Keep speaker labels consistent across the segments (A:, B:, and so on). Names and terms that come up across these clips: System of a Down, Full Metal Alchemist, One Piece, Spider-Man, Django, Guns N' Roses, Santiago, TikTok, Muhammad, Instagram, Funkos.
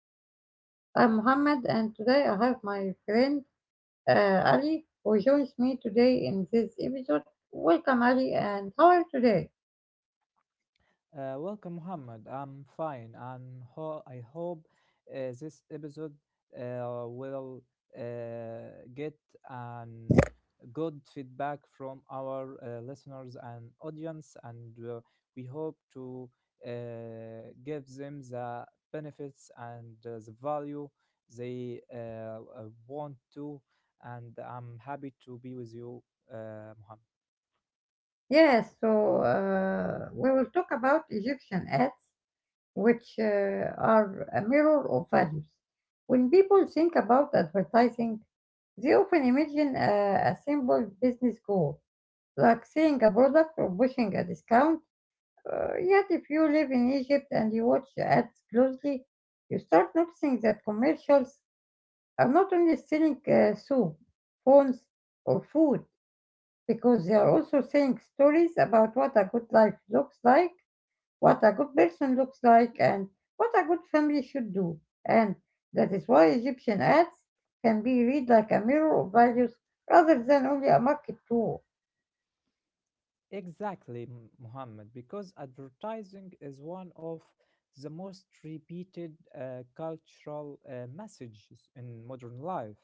A: episode. I'm Mohammed and today I have my friend Ali who joins me today in this episode. Welcome Ali, and how are you today?
B: Welcome, Muhammad. I'm fine, and I hope this episode will get an good feedback from our listeners and audience, and we hope to give them the benefits and the value they want to. And I'm happy to be with you, Muhammad.
A: Yes, so we will talk about Egyptian ads which are a mirror of values. When people think about advertising, they often imagine a simple business goal like selling a product or pushing a discount. Yet, if you live in Egypt and you watch ads closely, you start noticing that commercials are not only selling soup, phones, or food, because they are also saying stories about what a good life looks like, what a good person looks like, and what a good family should do. And that is why Egyptian ads can be read like a mirror of values rather than only a market tool.
B: Exactly, Muhammad, because advertising is one of the most repeated cultural messages in modern life.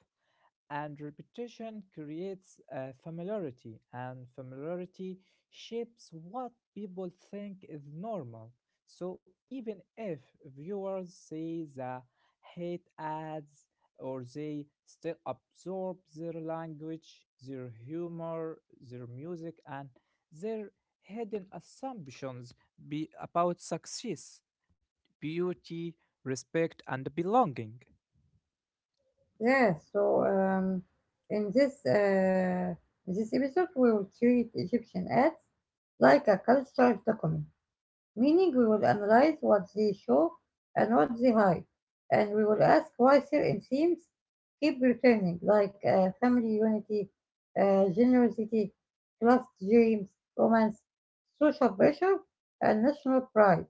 B: And repetition creates familiarity, and familiarity shapes what people think is normal. So even if viewers see the hate ads or they still absorb their language, their humor, their music, and their hidden assumptions be about success beauty, respect, and belonging.
A: Yes, so in this uh, in this episode, we will treat Egyptian ads like a cultural document, meaning we will analyze what they show and what they hide, and we will ask why certain themes keep returning, like family unity, generosity, class dreams, romance, social pressure, and national pride.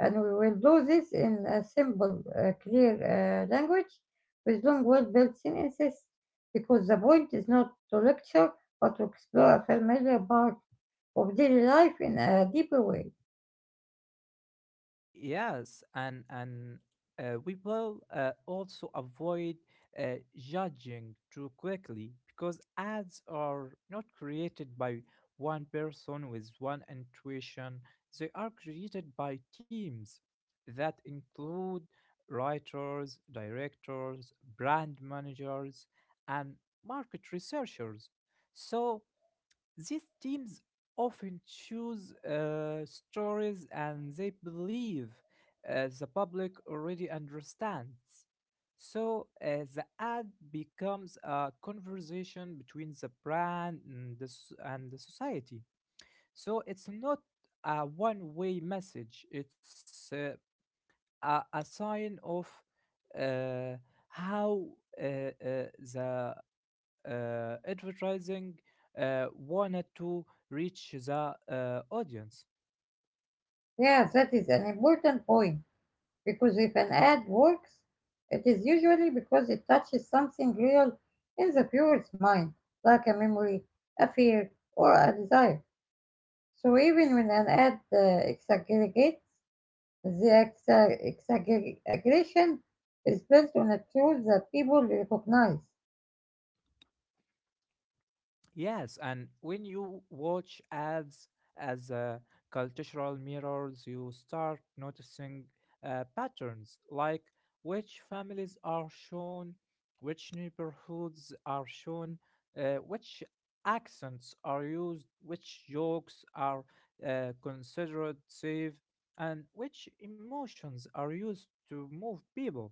A: And we will do this in a simple, clear language with long, well-built sentences, because the point is not to lecture but to explore a familiar part of daily life in a deeper way.
B: Yes, and we will also avoid judging too quickly because ads are not created by one person with one intuition. They are created by teams that include writers, directors, brand managers, and market researchers. So these teams often choose stories and they believe the public already understands. So the ad becomes a conversation between the brand and and the society. So it's not a one way message, it's a sign of uh, how the advertising wanted to reach the audience.
A: Yeah, that is an important point, because if an ad works, it is usually because it touches something real in the viewer's mind, like a memory, a fear, or a desire. So even when an ad exaggerates, the exaggeration is built on a truth that people recognize.
B: Yes, and when you watch ads as cultural mirrors, you start noticing patterns like which families are shown, which neighborhoods are shown, which accents are used, which jokes are considered safe, and which emotions are used to move people.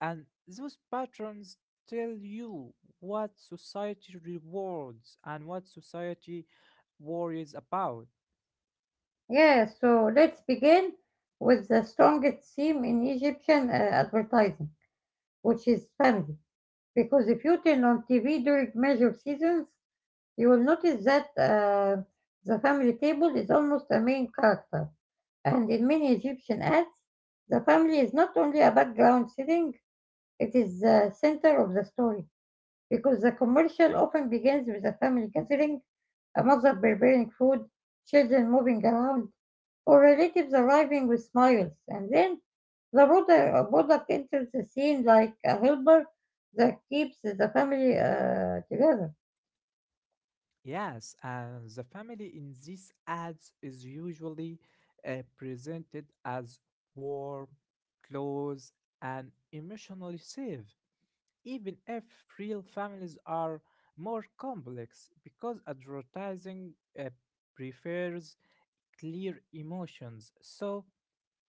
B: And those patterns tell you what society rewards and what society worries about.
A: Yeah, so let's begin with the strongest theme in Egyptian advertising, which is family. Because if you turn on TV during major seasons, you will notice that the family table is almost a main character. And in many Egyptian ads, the family is not only a background setting, it is the center of the story, because the commercial often begins with a family gathering, a mother preparing food, children moving around, or relatives arriving with smiles. And then the product enters the scene like a helper that keeps the family together.
B: Yes, and the family in these ads is usually presented as warm, close, and emotionally safe, even if real families are more complex because advertising uh, prefers clear emotions. So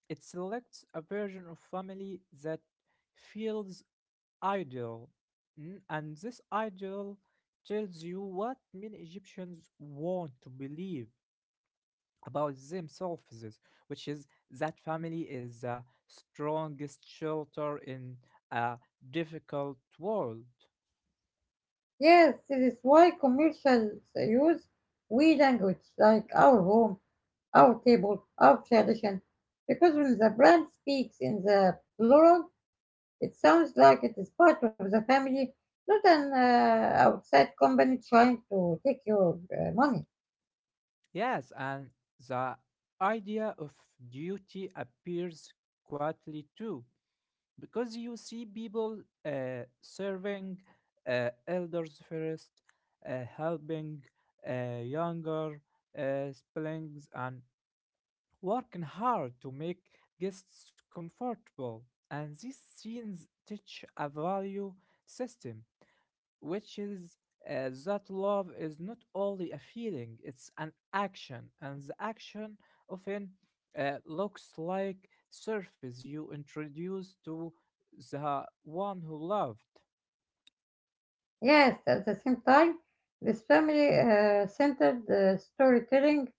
B: it selects a version of family that feels ideal. Mm, and this ideal tells you what many Egyptians want to believe about themselves, which is that family is the strongest shelter in a difficult world.
A: Yes, this is why commercials use we language like our home, our table, our tradition, because when the brand speaks in the plural, it sounds like it is part of the family, not an outside company trying to take your money.
B: Yes, and the idea of duty appears quietly too, because you see people serving elders first, helping younger siblings, and working hard to make guests comfortable. And these scenes teach a value system which is that love is not only a feeling, it's an action, and the action often looks like surface you introduce to the one who loved.
A: Yes, at the same time, this family centered storytelling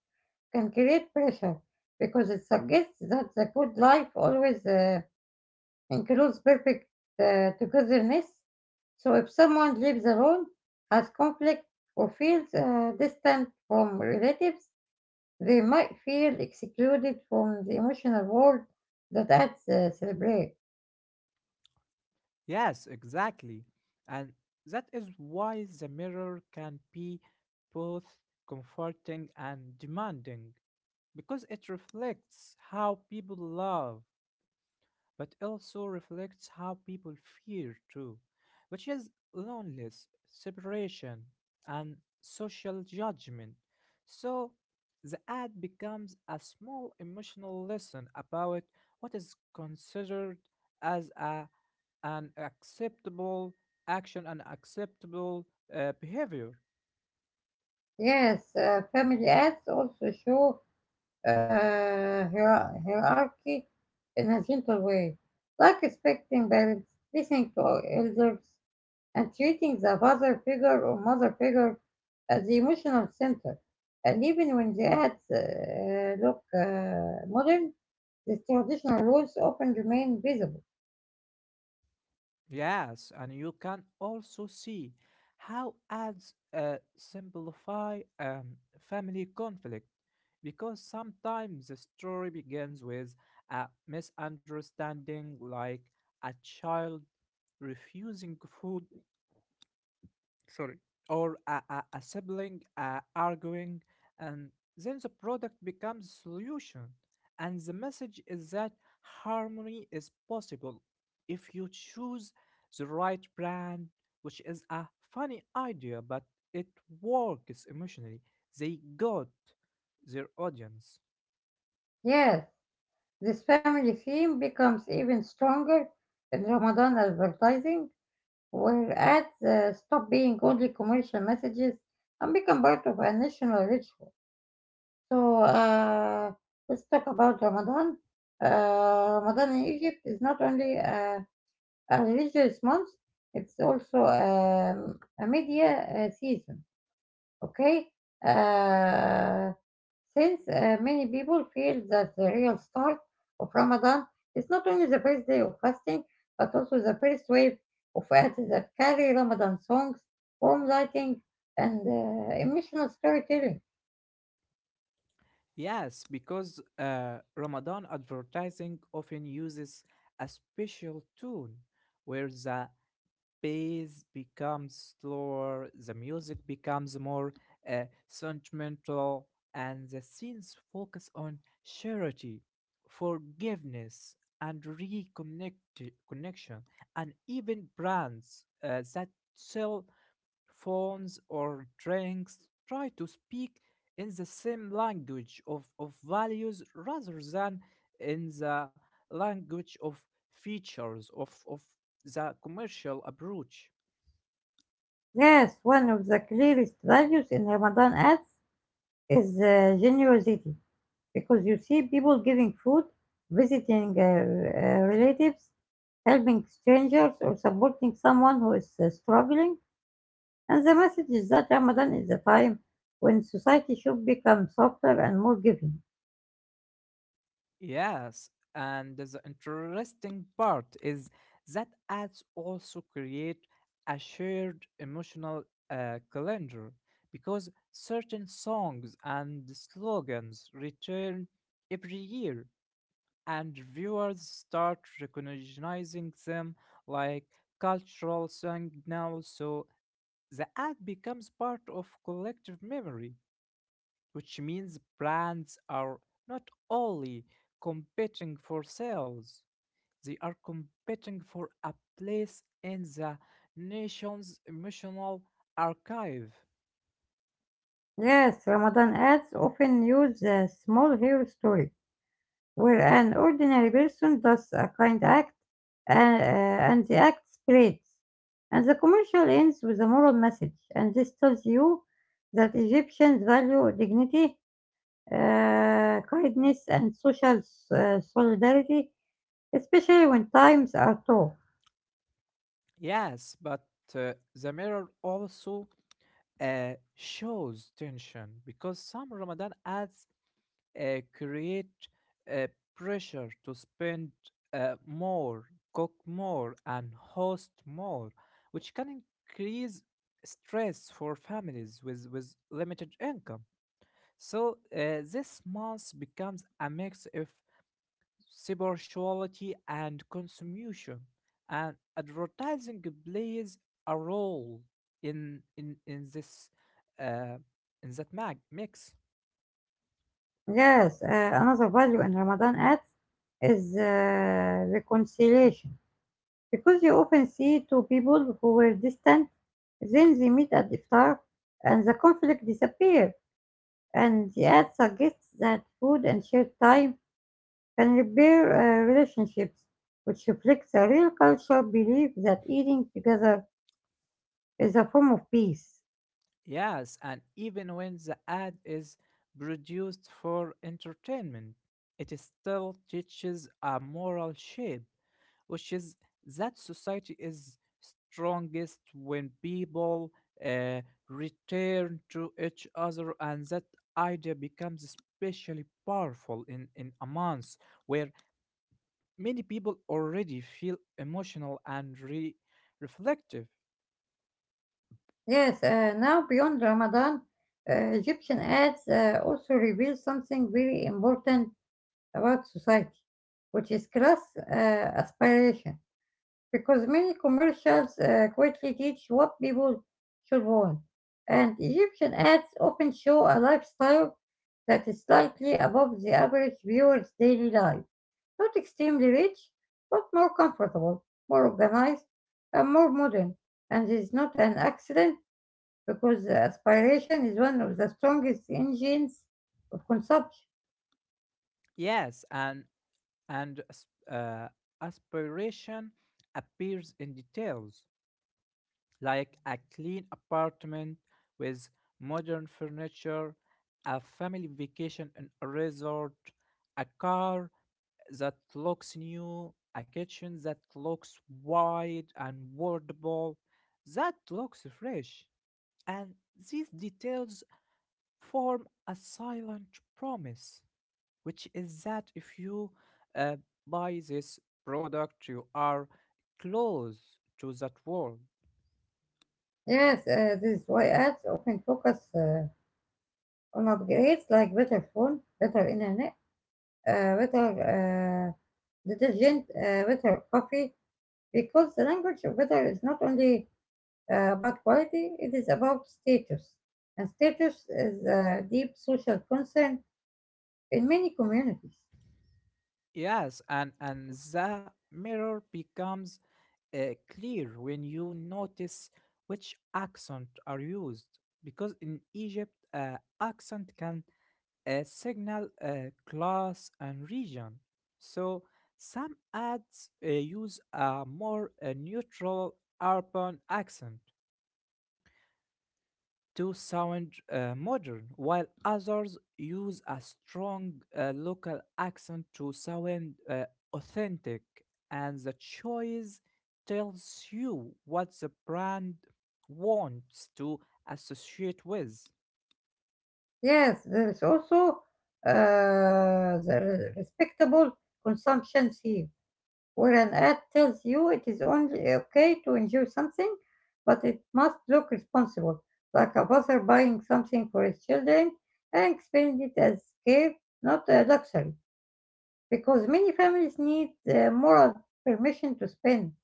A: can create pressure because it suggests that the good life always includes perfect togetherness. So if someone lives alone, has conflict, or feels distant from relatives, they might feel excluded from the emotional world that ads celebrate.
B: Yes, exactly. And that is why the mirror can be both comforting and demanding because it reflects how people love but also reflects how people fear too, which is loneliness, separation, and social judgment. So the ad becomes a small emotional lesson about what is considered as an acceptable action and acceptable behavior.
A: Yes, family ads also show uh, hierarchy in a gentle way, like respecting parents, listening to elders, and treating the father figure or mother figure as the emotional center. And even when the ads look modern, the traditional rules often remain visible.
B: Yes, and you can also see how ads simplify family conflict because sometimes the story begins with a misunderstanding, like a child refusing food. Sorry. Or a sibling arguing and then the product becomes solution and the message is that harmony is possible if you choose the right brand, which is a funny idea but it works emotionally. They got their audience.
A: Yes. This family theme becomes even stronger in Ramadan advertising, where ads stop being only commercial messages and become part of a national ritual. So let's talk about Ramadan. Ramadan in Egypt is not only a religious month, it's also a media season. Okay? Uh, since many people feel that the real start of Ramadan is not only the first day of fasting, but also the first wave of ads that carry Ramadan songs, warm lighting, and emotional storytelling.
B: Yes, because Ramadan advertising often uses a special tune where the pace becomes slower, the music becomes more sentimental, and the scenes focus on charity, forgiveness, and reconnect connection, and even brands that sell phones or drinks, try to speak in the same language of values rather than in the language of features of the commercial approach.
A: Yes, one of the clearest values in Ramadan ads is generosity, because you see people giving food, visiting relatives, helping strangers, or supporting someone who is struggling. And the message is that Ramadan is the time when society should become softer and more giving.
B: Yes, and the interesting part is that ads also create a shared emotional calendar because certain songs and slogans return every year, and viewers start recognizing them like cultural signals. So the ad becomes part of collective memory, which means brands are not only competing for sales, they are competing for a place in the nation's emotional archive.
A: Yes, Ramadan ads often use a small hero story where an ordinary person does a kind act, and the act spreads. And the commercial ends with a moral message, and this tells you that Egyptians value dignity, kindness and social solidarity, especially when times are tough.
B: Yes, but the mirror also shows tension because some Ramadan ads create a pressure to spend more, cook more, and host more, which can increase stress for families with limited income. So this month becomes a mix of spirituality and consumption, and advertising plays a role in this uh, in that mix.
A: Yes, another value in Ramadan acts is reconciliation, because you often see two people who were distant, then they meet at iftar and the conflict disappears. And the ad suggests that food and shared time can repair relationships, which reflects a real cultural belief that eating together is a form of peace.
B: Yes, and even when the ad is produced for entertainment, it is still teaches a moral shape, which is that society is strongest when people uh, return to each other, and that idea becomes especially powerful in a month where many people already feel emotional and reflective.
A: Yes, now beyond Ramadan, uh, Egyptian ads also reveal something very important about society, which is class aspiration. Because many commercials quietly teach what people should want, and Egyptian ads often show a lifestyle that is slightly above the average viewer's daily life. Not extremely rich, but more comfortable, more organized, and more modern. And it's not an accident, because the aspiration is one of the strongest engines of consumption.
B: Yes, and aspiration appears in details like a clean apartment with modern furniture, a family vacation in a resort, a car that looks new, a kitchen that looks wide and workable, that looks fresh. And these details form a silent promise, which is that if you uh, buy this product, you are close to that world.
A: Yes, this is why ads often focus on upgrades like better phone, better internet, better uh, detergent, better coffee, because the language of better is not only about quality, it is about status. And status is a deep social concern in many communities.
B: Yes, and the mirror becomes clear when you notice which accent are used because in Egypt, accent can signal class and region. So some ads use a more neutral urban accent to sound modern, while others use a strong local accent to sound authentic. And the choice tells you what the brand wants to associate with.
A: Yes, there is also the respectable consumption scene, where an ad tells you it is only okay to enjoy something, but it must look responsible, like a father buying something for his children and explaining it as care, not a luxury, because many families need moral permission to spend.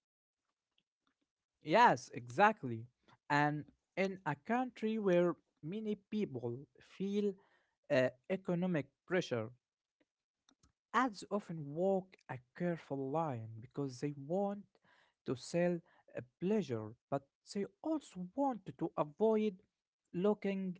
B: Yes, exactly. And in a country where many people feel economic pressure, ads often walk a careful line because they want to sell a pleasure, but they also want to avoid looking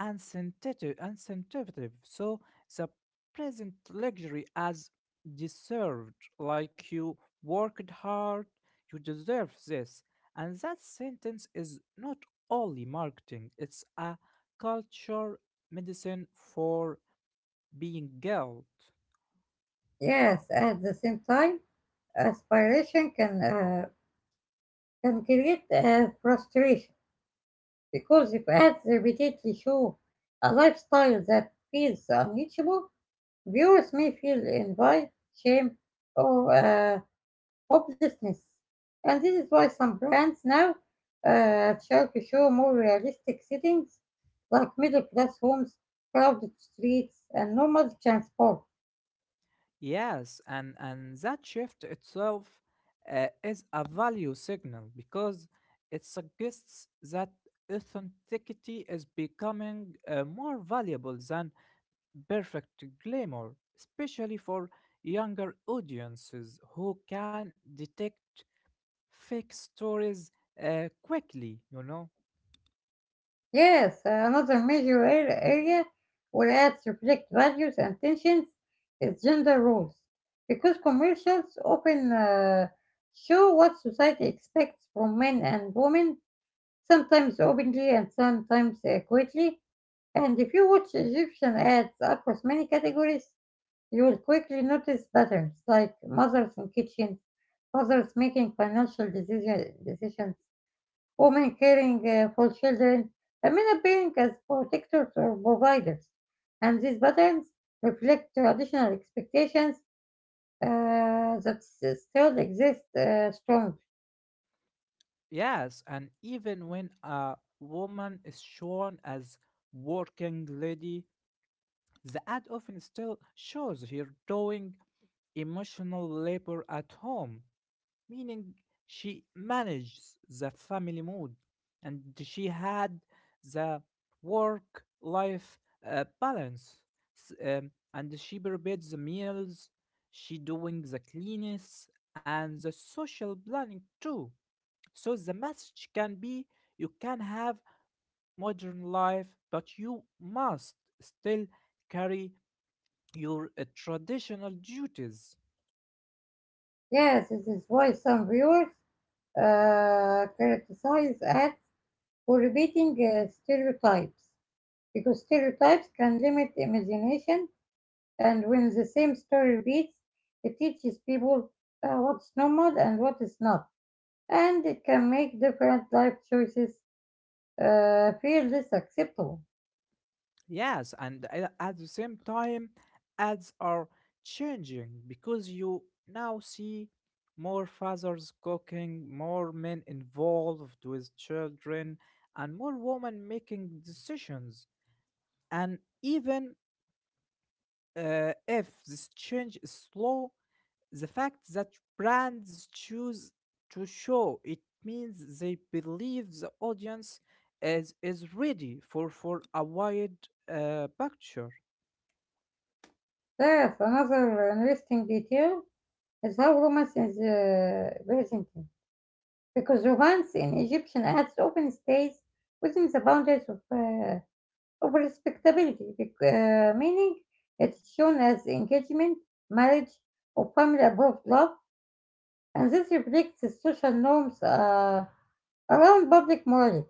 B: unscientific. So the present luxury as deserved, like you worked hard, you deserve this. And that sentence is not only marketing, it's a culture medicine for being guilt.
A: Yes, at the same time, aspiration can create frustration, because if ads repeatedly show a lifestyle that feels unreachable, viewers may feel envy, shame, or hopelessness. And this is why some brands now try to show more realistic settings like middle class homes, crowded streets, and normal transport.
B: Yes, and that shift itself is a value signal because it suggests that authenticity is becoming more valuable than perfect glamour, especially for younger audiences who can detect fake stories quickly, you know?
A: Yes, another major area where ads reflect values and tensions is gender roles. Because commercials often show what society expects from men and women, sometimes openly and sometimes quietly. And if you watch Egyptian ads across many categories, you will quickly notice patterns like mothers in kitchens, fathers making decisions, women caring for children, and men appearing as protectors or providers. And these patterns reflect traditional expectations that still exist strongly.
B: Yes, and even when a woman is shown as working lady, the ad often still shows her doing emotional labor at home, meaning she manages the family mood and she had the work life balance. And she prepares the meals, she doing the cleanliness and the social planning too. So the message can be you can have modern life, but you must still carry your traditional duties.
A: Yes, this is why some viewers criticize ads for repeating stereotypes, because stereotypes can limit imagination, and when the same story repeats, it teaches people what's normal and what is not, and it can make different life choices feel less acceptable.
B: Yes, and at the same time, ads are changing because you now see more fathers cooking, more men involved with children, and more women making decisions. And even if this change is slow, the fact that brands choose to show it means they believe the audience is ready for a wide picture.
A: There's another interesting detail is how romance is presented, because romance in Egyptian ads often stays within the boundaries of respectability, meaning it's shown as engagement, marriage, or family above love, and this reflects the social norms around public morality.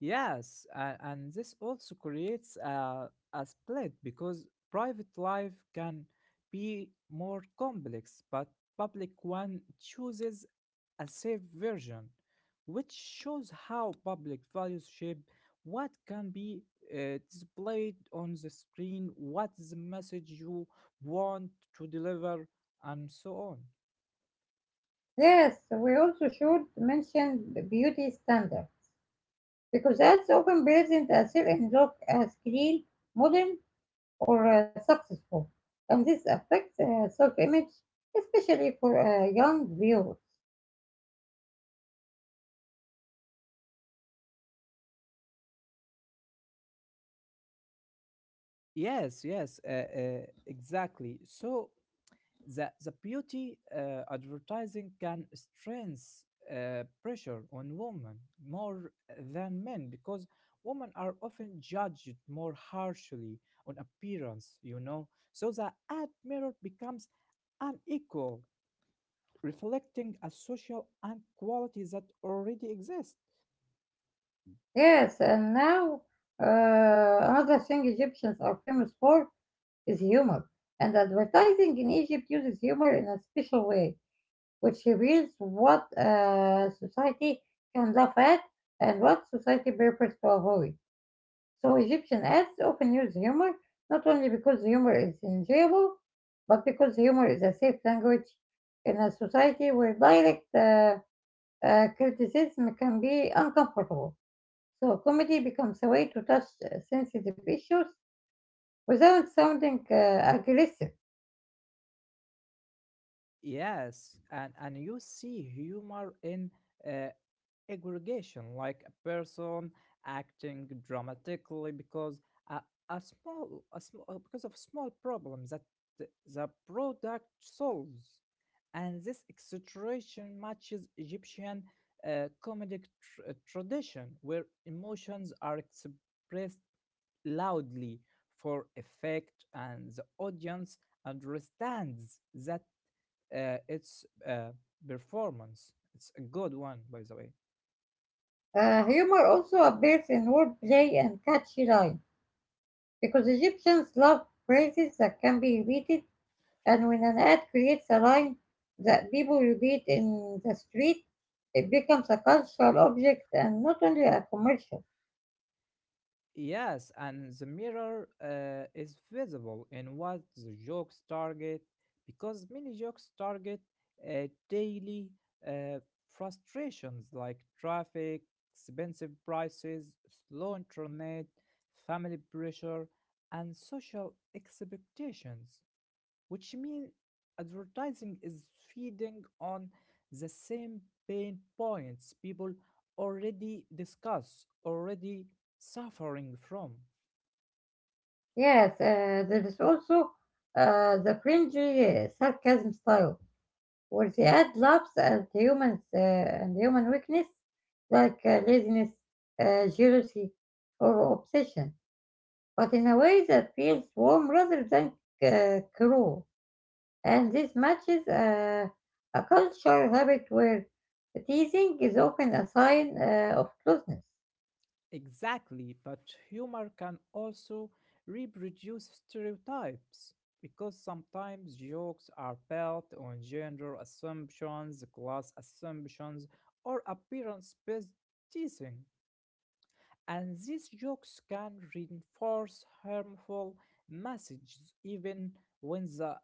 B: Yes, and this also creates a split because private life can be more complex, but public one chooses a safe version, which shows how public values shape what can be displayed on the screen, what's the message you want to deliver, and so on.
A: Yes, we also should mention the beauty standard, because that's often present as certain look as clean, modern, or successful, and this affects self-image, especially for young viewers.
B: Yes, yes, uh, uh, exactly. So the beauty advertising can strength pressure on women more than men because women are often judged more harshly on appearance, you know. So the ad mirror becomes unequal, reflecting a social inequality that already exists.
A: Yes, and now another thing Egyptians are famous for is humor. And advertising in Egypt uses humor in a special way, which reveals what society can laugh at and what society prefers to avoid. So Egyptian ads often use humor, not only because humor is enjoyable, but because humor is a safe language in a society where direct criticism can be uncomfortable. So comedy becomes a way to touch sensitive issues without sounding aggressive.
B: Yes, and you see humor in uh, aggregation, like a person acting dramatically because a, because of small problem that the product solves, and this exaggeration matches Egyptian comedic tradition, where emotions are expressed loudly for effect, and the audience understands that it's performance. It's a good one, by the way.
A: Humor also appears in wordplay and catchy lines, because Egyptians love phrases that can be repeated, and when an ad creates a line that people repeat in the street, it becomes a cultural object and not only a commercial.
B: Yes, and the mirror is visible in what the jokes target because many jokes target daily uh, frustrations like traffic, expensive prices, slow internet, family pressure, and social expectations, which means advertising is feeding on the same pain points people already discuss, already suffering from.
A: Yes, there is also the cringy sarcasm style. Or they add labs and humans, and human weakness, like laziness, jealousy, or obsession, but in a way that feels warm rather than cruel. And this matches a cultural habit where teasing is often a sign of closeness.
B: Exactly, but humor can also reproduce stereotypes because sometimes jokes are built on gender assumptions, class assumptions, or appearance based teasing, and these jokes can reinforce harmful messages even when the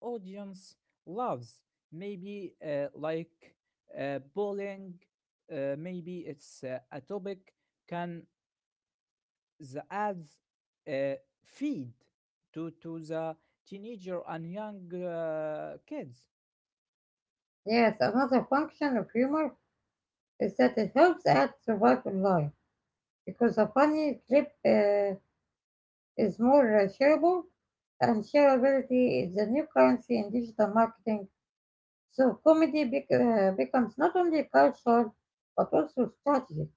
B: audience loves maybe like bullying. Maybe it's a topic can the ads uh, feed to the teenager and young kids.
A: Yes, another function of humor is that it helps add survival line, because a funny clip, is more shareable, and shareability is the new currency in digital marketing. So comedy becomes not only cultural but also strategic.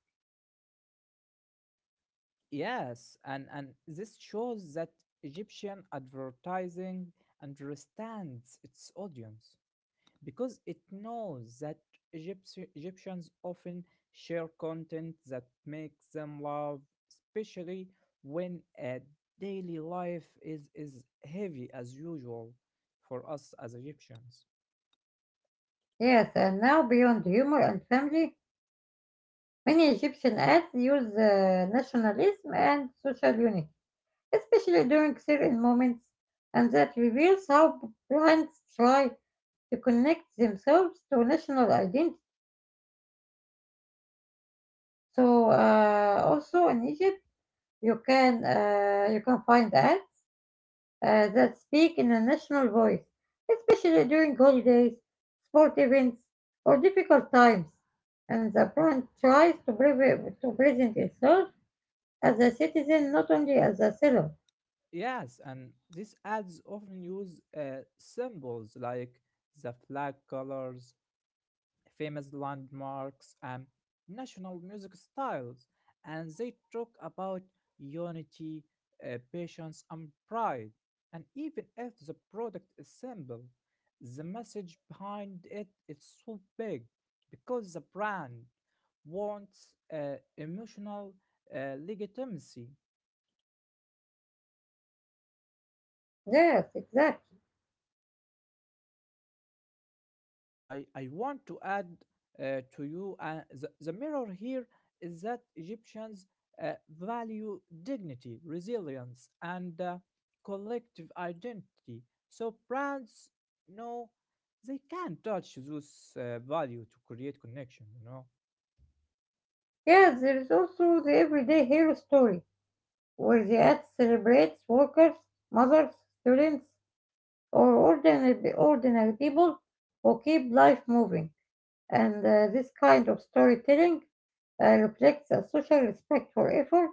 B: Yes, and this shows that Egyptian advertising understands its audience because it knows that Egyptians often share content that makes them laugh, especially when uh, daily life is heavy as usual for us as Egyptians.
A: Yes, and now beyond humor and family, many Egyptian ads use nationalism and social unity, especially during certain moments, and that reveals how brands try to connect themselves to national identity. So also in Egypt, you can find ads that speak in a national voice, especially during holidays, sport events, or difficult times. And the brand tries to, to present itself as a citizen, not only as a seller.
B: Yes, and these ads often use symbols like the flag colors, famous landmarks, and national music styles, and they talk about unity, patience, and pride. And even if the product is simple, the message behind it is so big because the brand wants emotional legitimacy.
A: Yes, exactly.
B: I want to add to you the mirror here is that Egyptians value dignity, resilience, and collective identity. So brands know they can touch those value to create connection, you know.
A: Yes, there is also the everyday hero story, where the ad celebrates workers, mothers, students, or ordinary people who keep life moving. And This kind of storytelling reflects a social respect for effort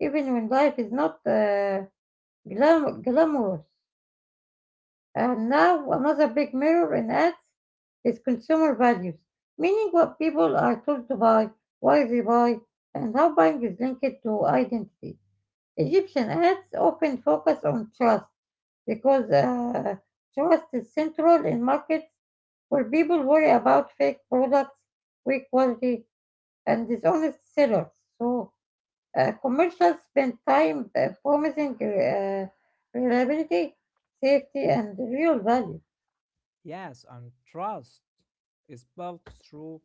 A: even when life is not glamorous. And now another big mirror in ads is consumer values, meaning what people are told to buy, why they buy, and how buying is linked to identity. Egyptian ads often focus on trust because trust is central in markets where people worry about fake products, weak quality, and dishonest sellers. So commercials spend time promising reliability, safety, and real value.
B: Yes, and trust is built through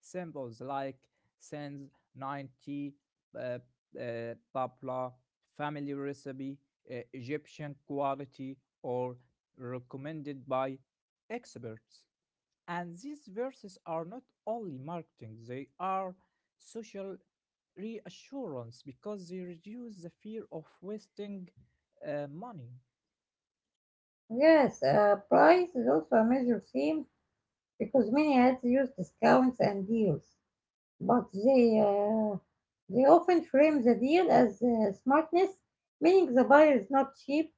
B: symbols like since 90, uh, uh, tabla, family recipe, Egyptian quality, or recommended by experts. And these verses are not only marketing, they are social reassurance because they reduce the fear of wasting money.
A: Yes, price is also a major theme because many ads use discounts and deals, but they often frame the deal as smartness, meaning the buyer is not cheap,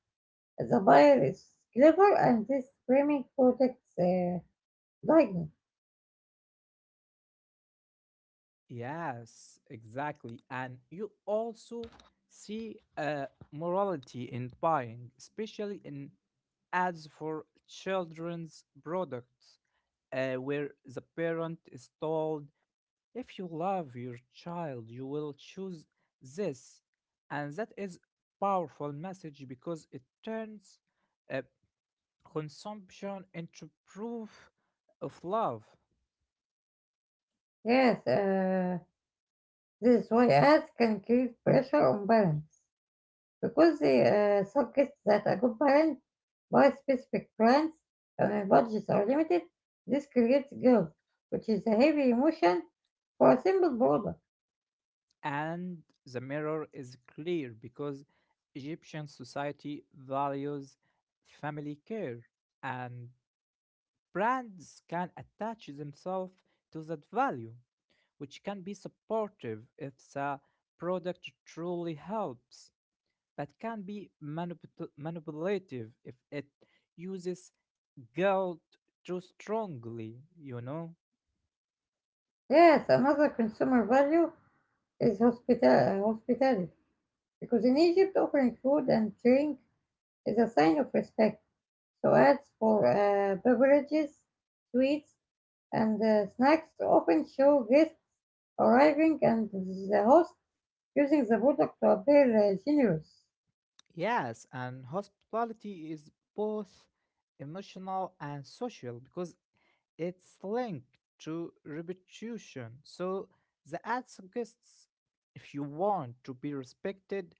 A: the buyer is clever, and this framing protects dignity.
B: Yes, exactly. And you also see morality in buying, especially in ads for children's products, where the parent is told, if you love your child, you will choose this. And that is powerful message because it turns uh, consumption into proof of love.
A: Yes, this is why ads can create pressure on balance. Because they suggest that a good parent buys specific brands and their budgets are limited, this creates guilt, which is a heavy emotion for a simple product.
B: And the mirror is clear because Egyptian society values family care, and brands can attach themselves to that value, which can be supportive if the product truly helps, but can be manipulative if it uses guilt too strongly, you know?
A: Yes, another consumer value is hospitality. Because in Egypt, offering food and drink is a sign of respect. So ads for beverages, sweets, and snacks often show guests arriving and the host using the product to appear genius.
B: Yes, and hospitality is both emotional and social because it's linked to reputation. So the ad suggests if you want to be respected,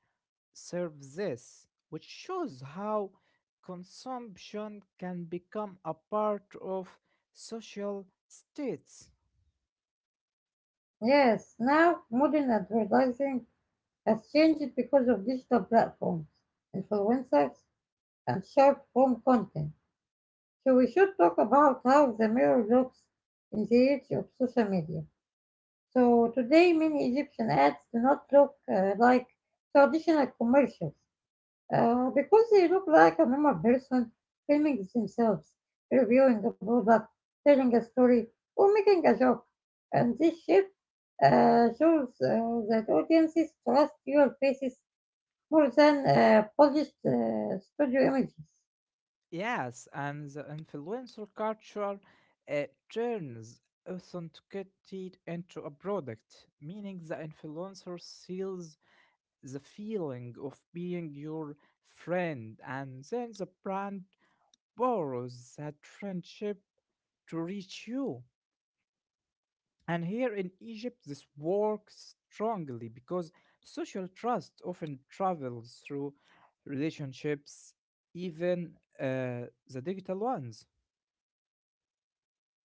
B: serve this, which shows how consumption can become a part of social states.
A: Yes, now modern advertising has changed because of digital platforms, influencers, and short form content. So we should talk about how the mirror looks in the age of social media. So today, many Egyptian ads do not look like traditional commercials, because they look like a normal person filming themselves, reviewing a product, telling a story, or making a joke. And this shift shows that audiences trust your faces more than polished studio images.
B: Yes, and the influencer culture uh, turns authenticity into a product, meaning the influencer sells the feeling of being your friend, and then the brand borrows that friendship to reach you. And here in Egypt, this works strongly because social trust often travels through relationships, even the digital ones.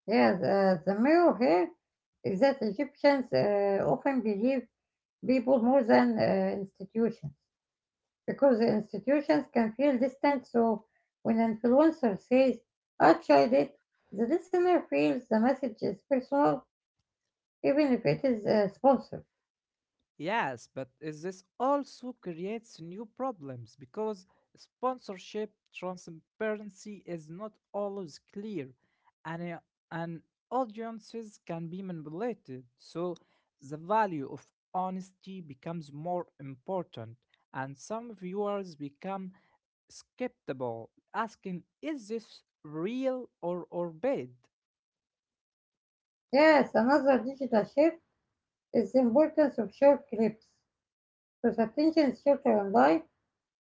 A: Yeah, the mirror here is that Egyptians often believe people more than institutions, because the institutions can feel distant. So when an influencer says, I tried it, the listener feels the message is personal, even if it is sponsored.
B: Yes, but is this also creates new problems because sponsorship transparency is not always clear and, uh, and audiences can be manipulated. So the value of honesty becomes more important and some viewers become skeptical, asking, is this real or bad?
A: Yes, another digital shift is the importance of short clips. Because attention is shorter online,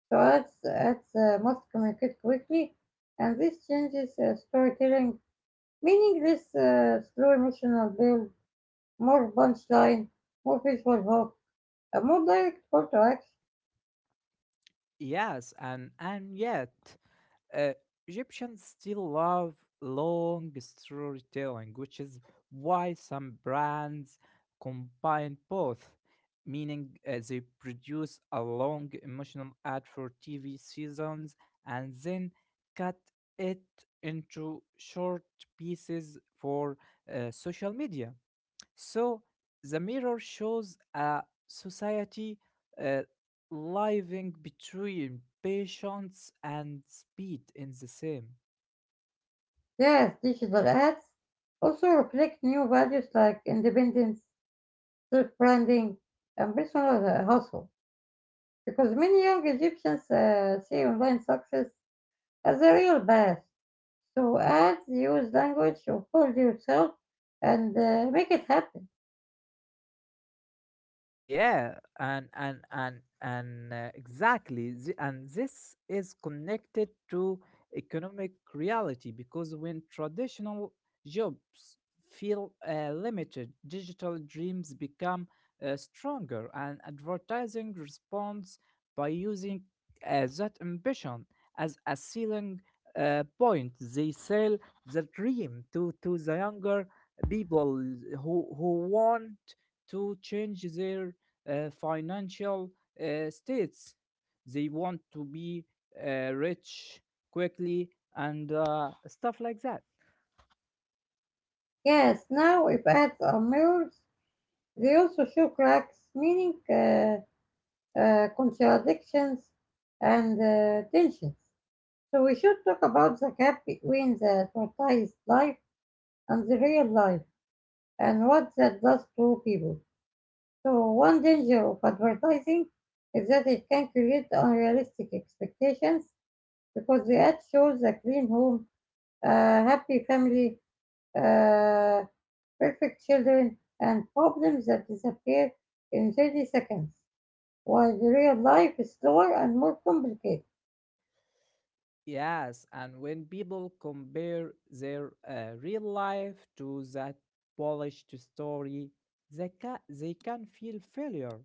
A: so ads must communicate quickly, and this changes storytelling, meaning this slow emotional build, more punchline, more visual hook, a more direct call to action.
B: Yes, and yet. Uh, Egyptians still love long storytelling, which is why some brands combine both, meaning they produce a long emotional ad for TV seasons and then cut it into short pieces for social media. So the mirror shows a society uh, living between patience and speed in the same.
A: Yes, digital ads also reflect new values like independence, self-branding, and personal hustle. Because many young Egyptians see online success as a real path. So ads use language to hold yourself and make it happen.
B: Yeah, and exactly, and this is connected to economic reality because when traditional jobs feel limited, digital dreams become stronger, and advertising responds by using that ambition as a selling point. They sell the dream to the younger people who want to change their financial states. They want to be rich quickly and stuff like that.
A: Yes, now if ads are mirrors, they also show cracks, meaning contradictions and tensions. So we should talk about the gap between the advertised life and the real life and what that does to people. So one danger of advertising is that it can create unrealistic expectations because the ad shows a clean home, a happy family, uh, perfect children, and problems that disappear in 30 seconds, while the real life is slower and more complicated.
B: Yes, and when people compare their real life to that polished story, they can feel failure,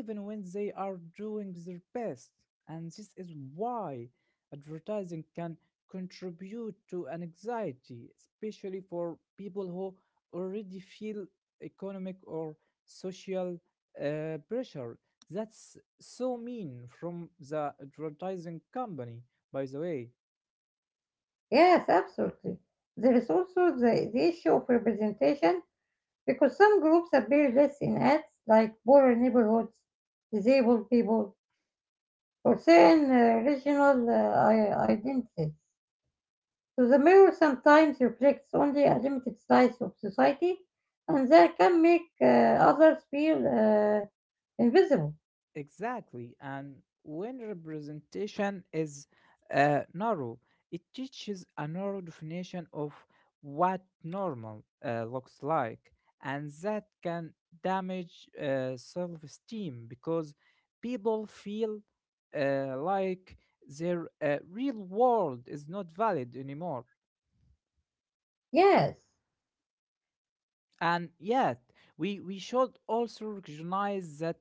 B: even when they are doing their best. And this is why advertising can contribute to anxiety, especially for people who already feel economic or social pressure. That's so mean from the advertising company, by the way.
A: Yes, absolutely. There is also the issue of representation because some groups appear less in ads like poorer neighborhoods, disabled people, or certain regional identities. So the mirror sometimes reflects only a limited slice of society, and that can make others feel invisible.
B: Exactly. And when representation is narrow, it teaches a narrow definition of what normal looks like. And that can damage self esteem because people feel like their real world is not valid anymore.
A: Yes.
B: And yet, we should also recognize that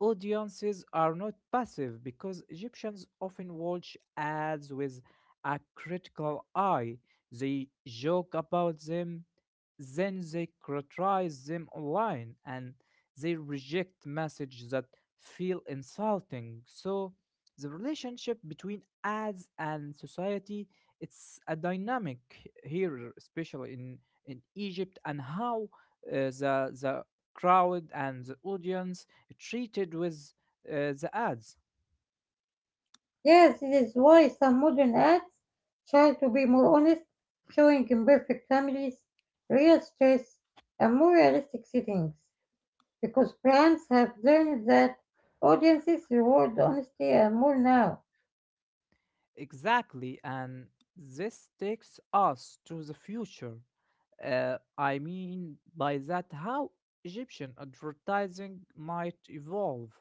B: audiences are not passive because Egyptians often watch ads with a critical eye. They joke about them, then they criticize them online, and they reject messages that feel insulting. So, the relationship between ads and society it's a dynamic here, especially in Egypt, and how the crowd and the audience treated with the ads.
A: Yes, it is why some modern ads try to be more honest, showing imperfect families, real stress, and more realistic settings, because brands have learned that audiences reward honesty and more now,
B: Exactly, and this takes us to the future. I mean by that how Egyptian advertising might evolve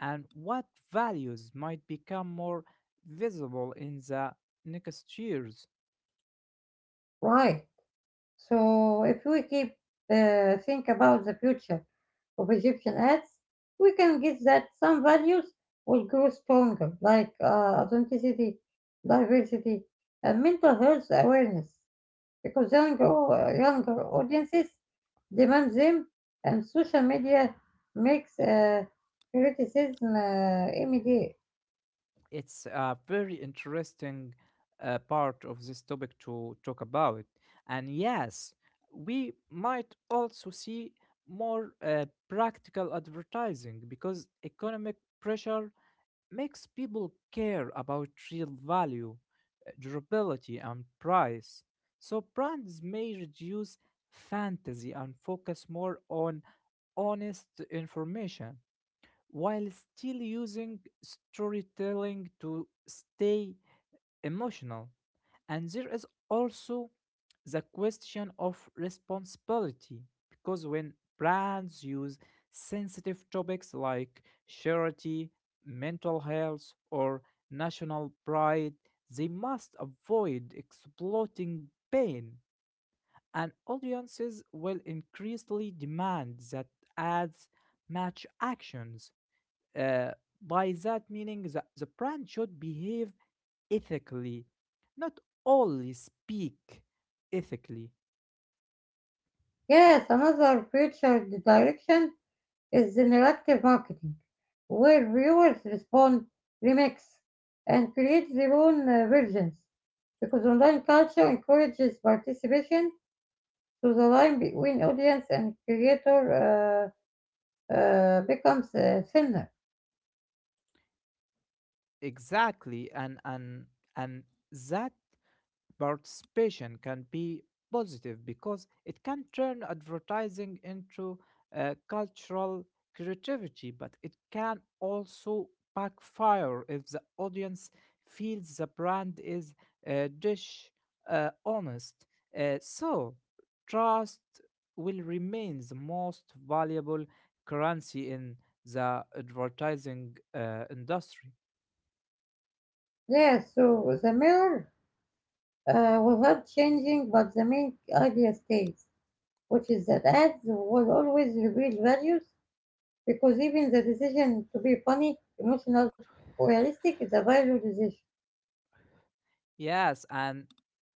B: and what values might become more visible in the next years.
A: right? So if we keep think about the future of Egyptian ads, we can guess that some values will grow stronger, like authenticity, diversity, and mental health awareness, because younger audiences demand them, and social media makes criticism immediate.
B: It's a very interesting part of this topic to talk about. And yes, we might also see more practical advertising because economic pressure makes people care about real value, durability, and price. So brands may reduce fantasy and focus more on honest information while still using storytelling to stay emotional. And there is also the question of responsibility because when brands use sensitive topics like charity, mental health, or national pride, they must avoid exploiting pain. And audiences will increasingly demand that ads match actions uh, by that meaning, the brand should behave ethically, not only speak ethically.
A: Yes, another future direction is generative marketing, where viewers respond, remix, and create their own versions, because online culture encourages participation, so the line between audience and creator becomes thinner.
B: Exactly, and that participation can be positive because it can turn advertising into cultural creativity, but it can also backfire if the audience feels the brand is dish honest. So, trust will remain the most valuable currency in the advertising industry.
A: Yes, so the mirror without changing, but the main idea stays, which is that ads will always reveal values because even the decision to be funny, emotional, or realistic is a value decision.
B: Yes, and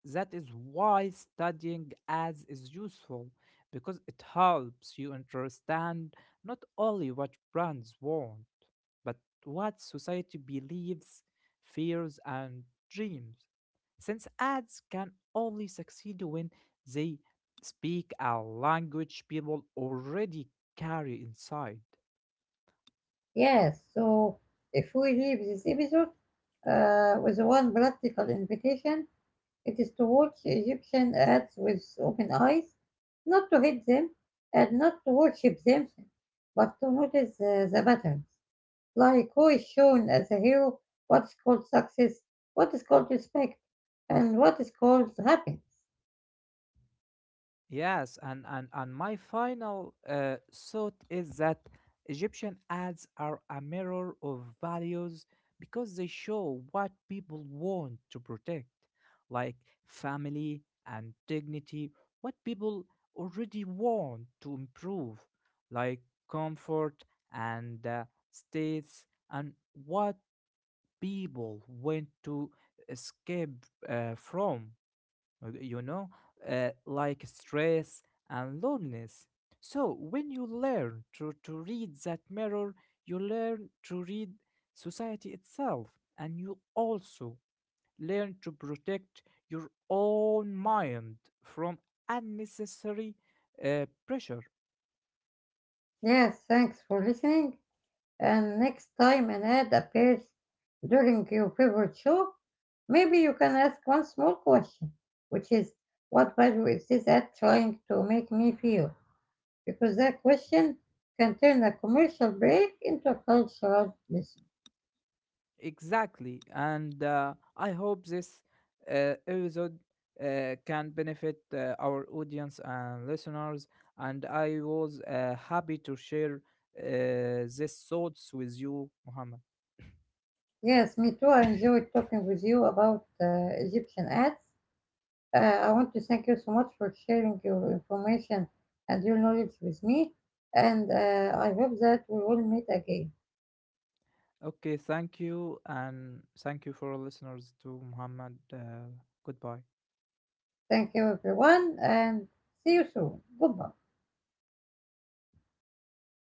B: that is why studying ads is useful because it helps you understand not only what brands want, but what society believes, fears, and dreams. Since ads can only succeed when they speak a language people already carry inside.
A: Yes, so if we leave this episode with one practical invitation, it is to watch Egyptian ads with open eyes, not to hate them and not to worship them, but to notice the patterns, like who is shown as a hero, what's called success, what is called respect, and what is called happiness.
B: Yes, and my final thought is that Egyptian ads are a mirror of values because they show what people want to protect, like family and dignity, what people already want to improve, like comfort and states, and what people want to escape from uh, you know, like stress and loneliness. So, when you learn to read that mirror, you learn to read society itself, and you also learn to protect your own mind from unnecessary pressure.
A: Yes, thanks for listening. And next time an ad appears during your favorite show, maybe you can ask one small question, which is what value is this ad trying to make me feel? Because that question can turn a commercial break into a cultural lesson.
B: Exactly. And I hope this episode can benefit our audience and listeners. And I was happy to share these thoughts with you, Muhammad.
A: Yes, me too. I enjoyed talking with you about Egyptian ads. I want to thank you so much for sharing your information and your knowledge with me. And I hope that we will meet again.
B: Okay, thank you, and thank you for our listeners to Muhammad. Goodbye.
A: Thank you, everyone, and see you soon. Goodbye.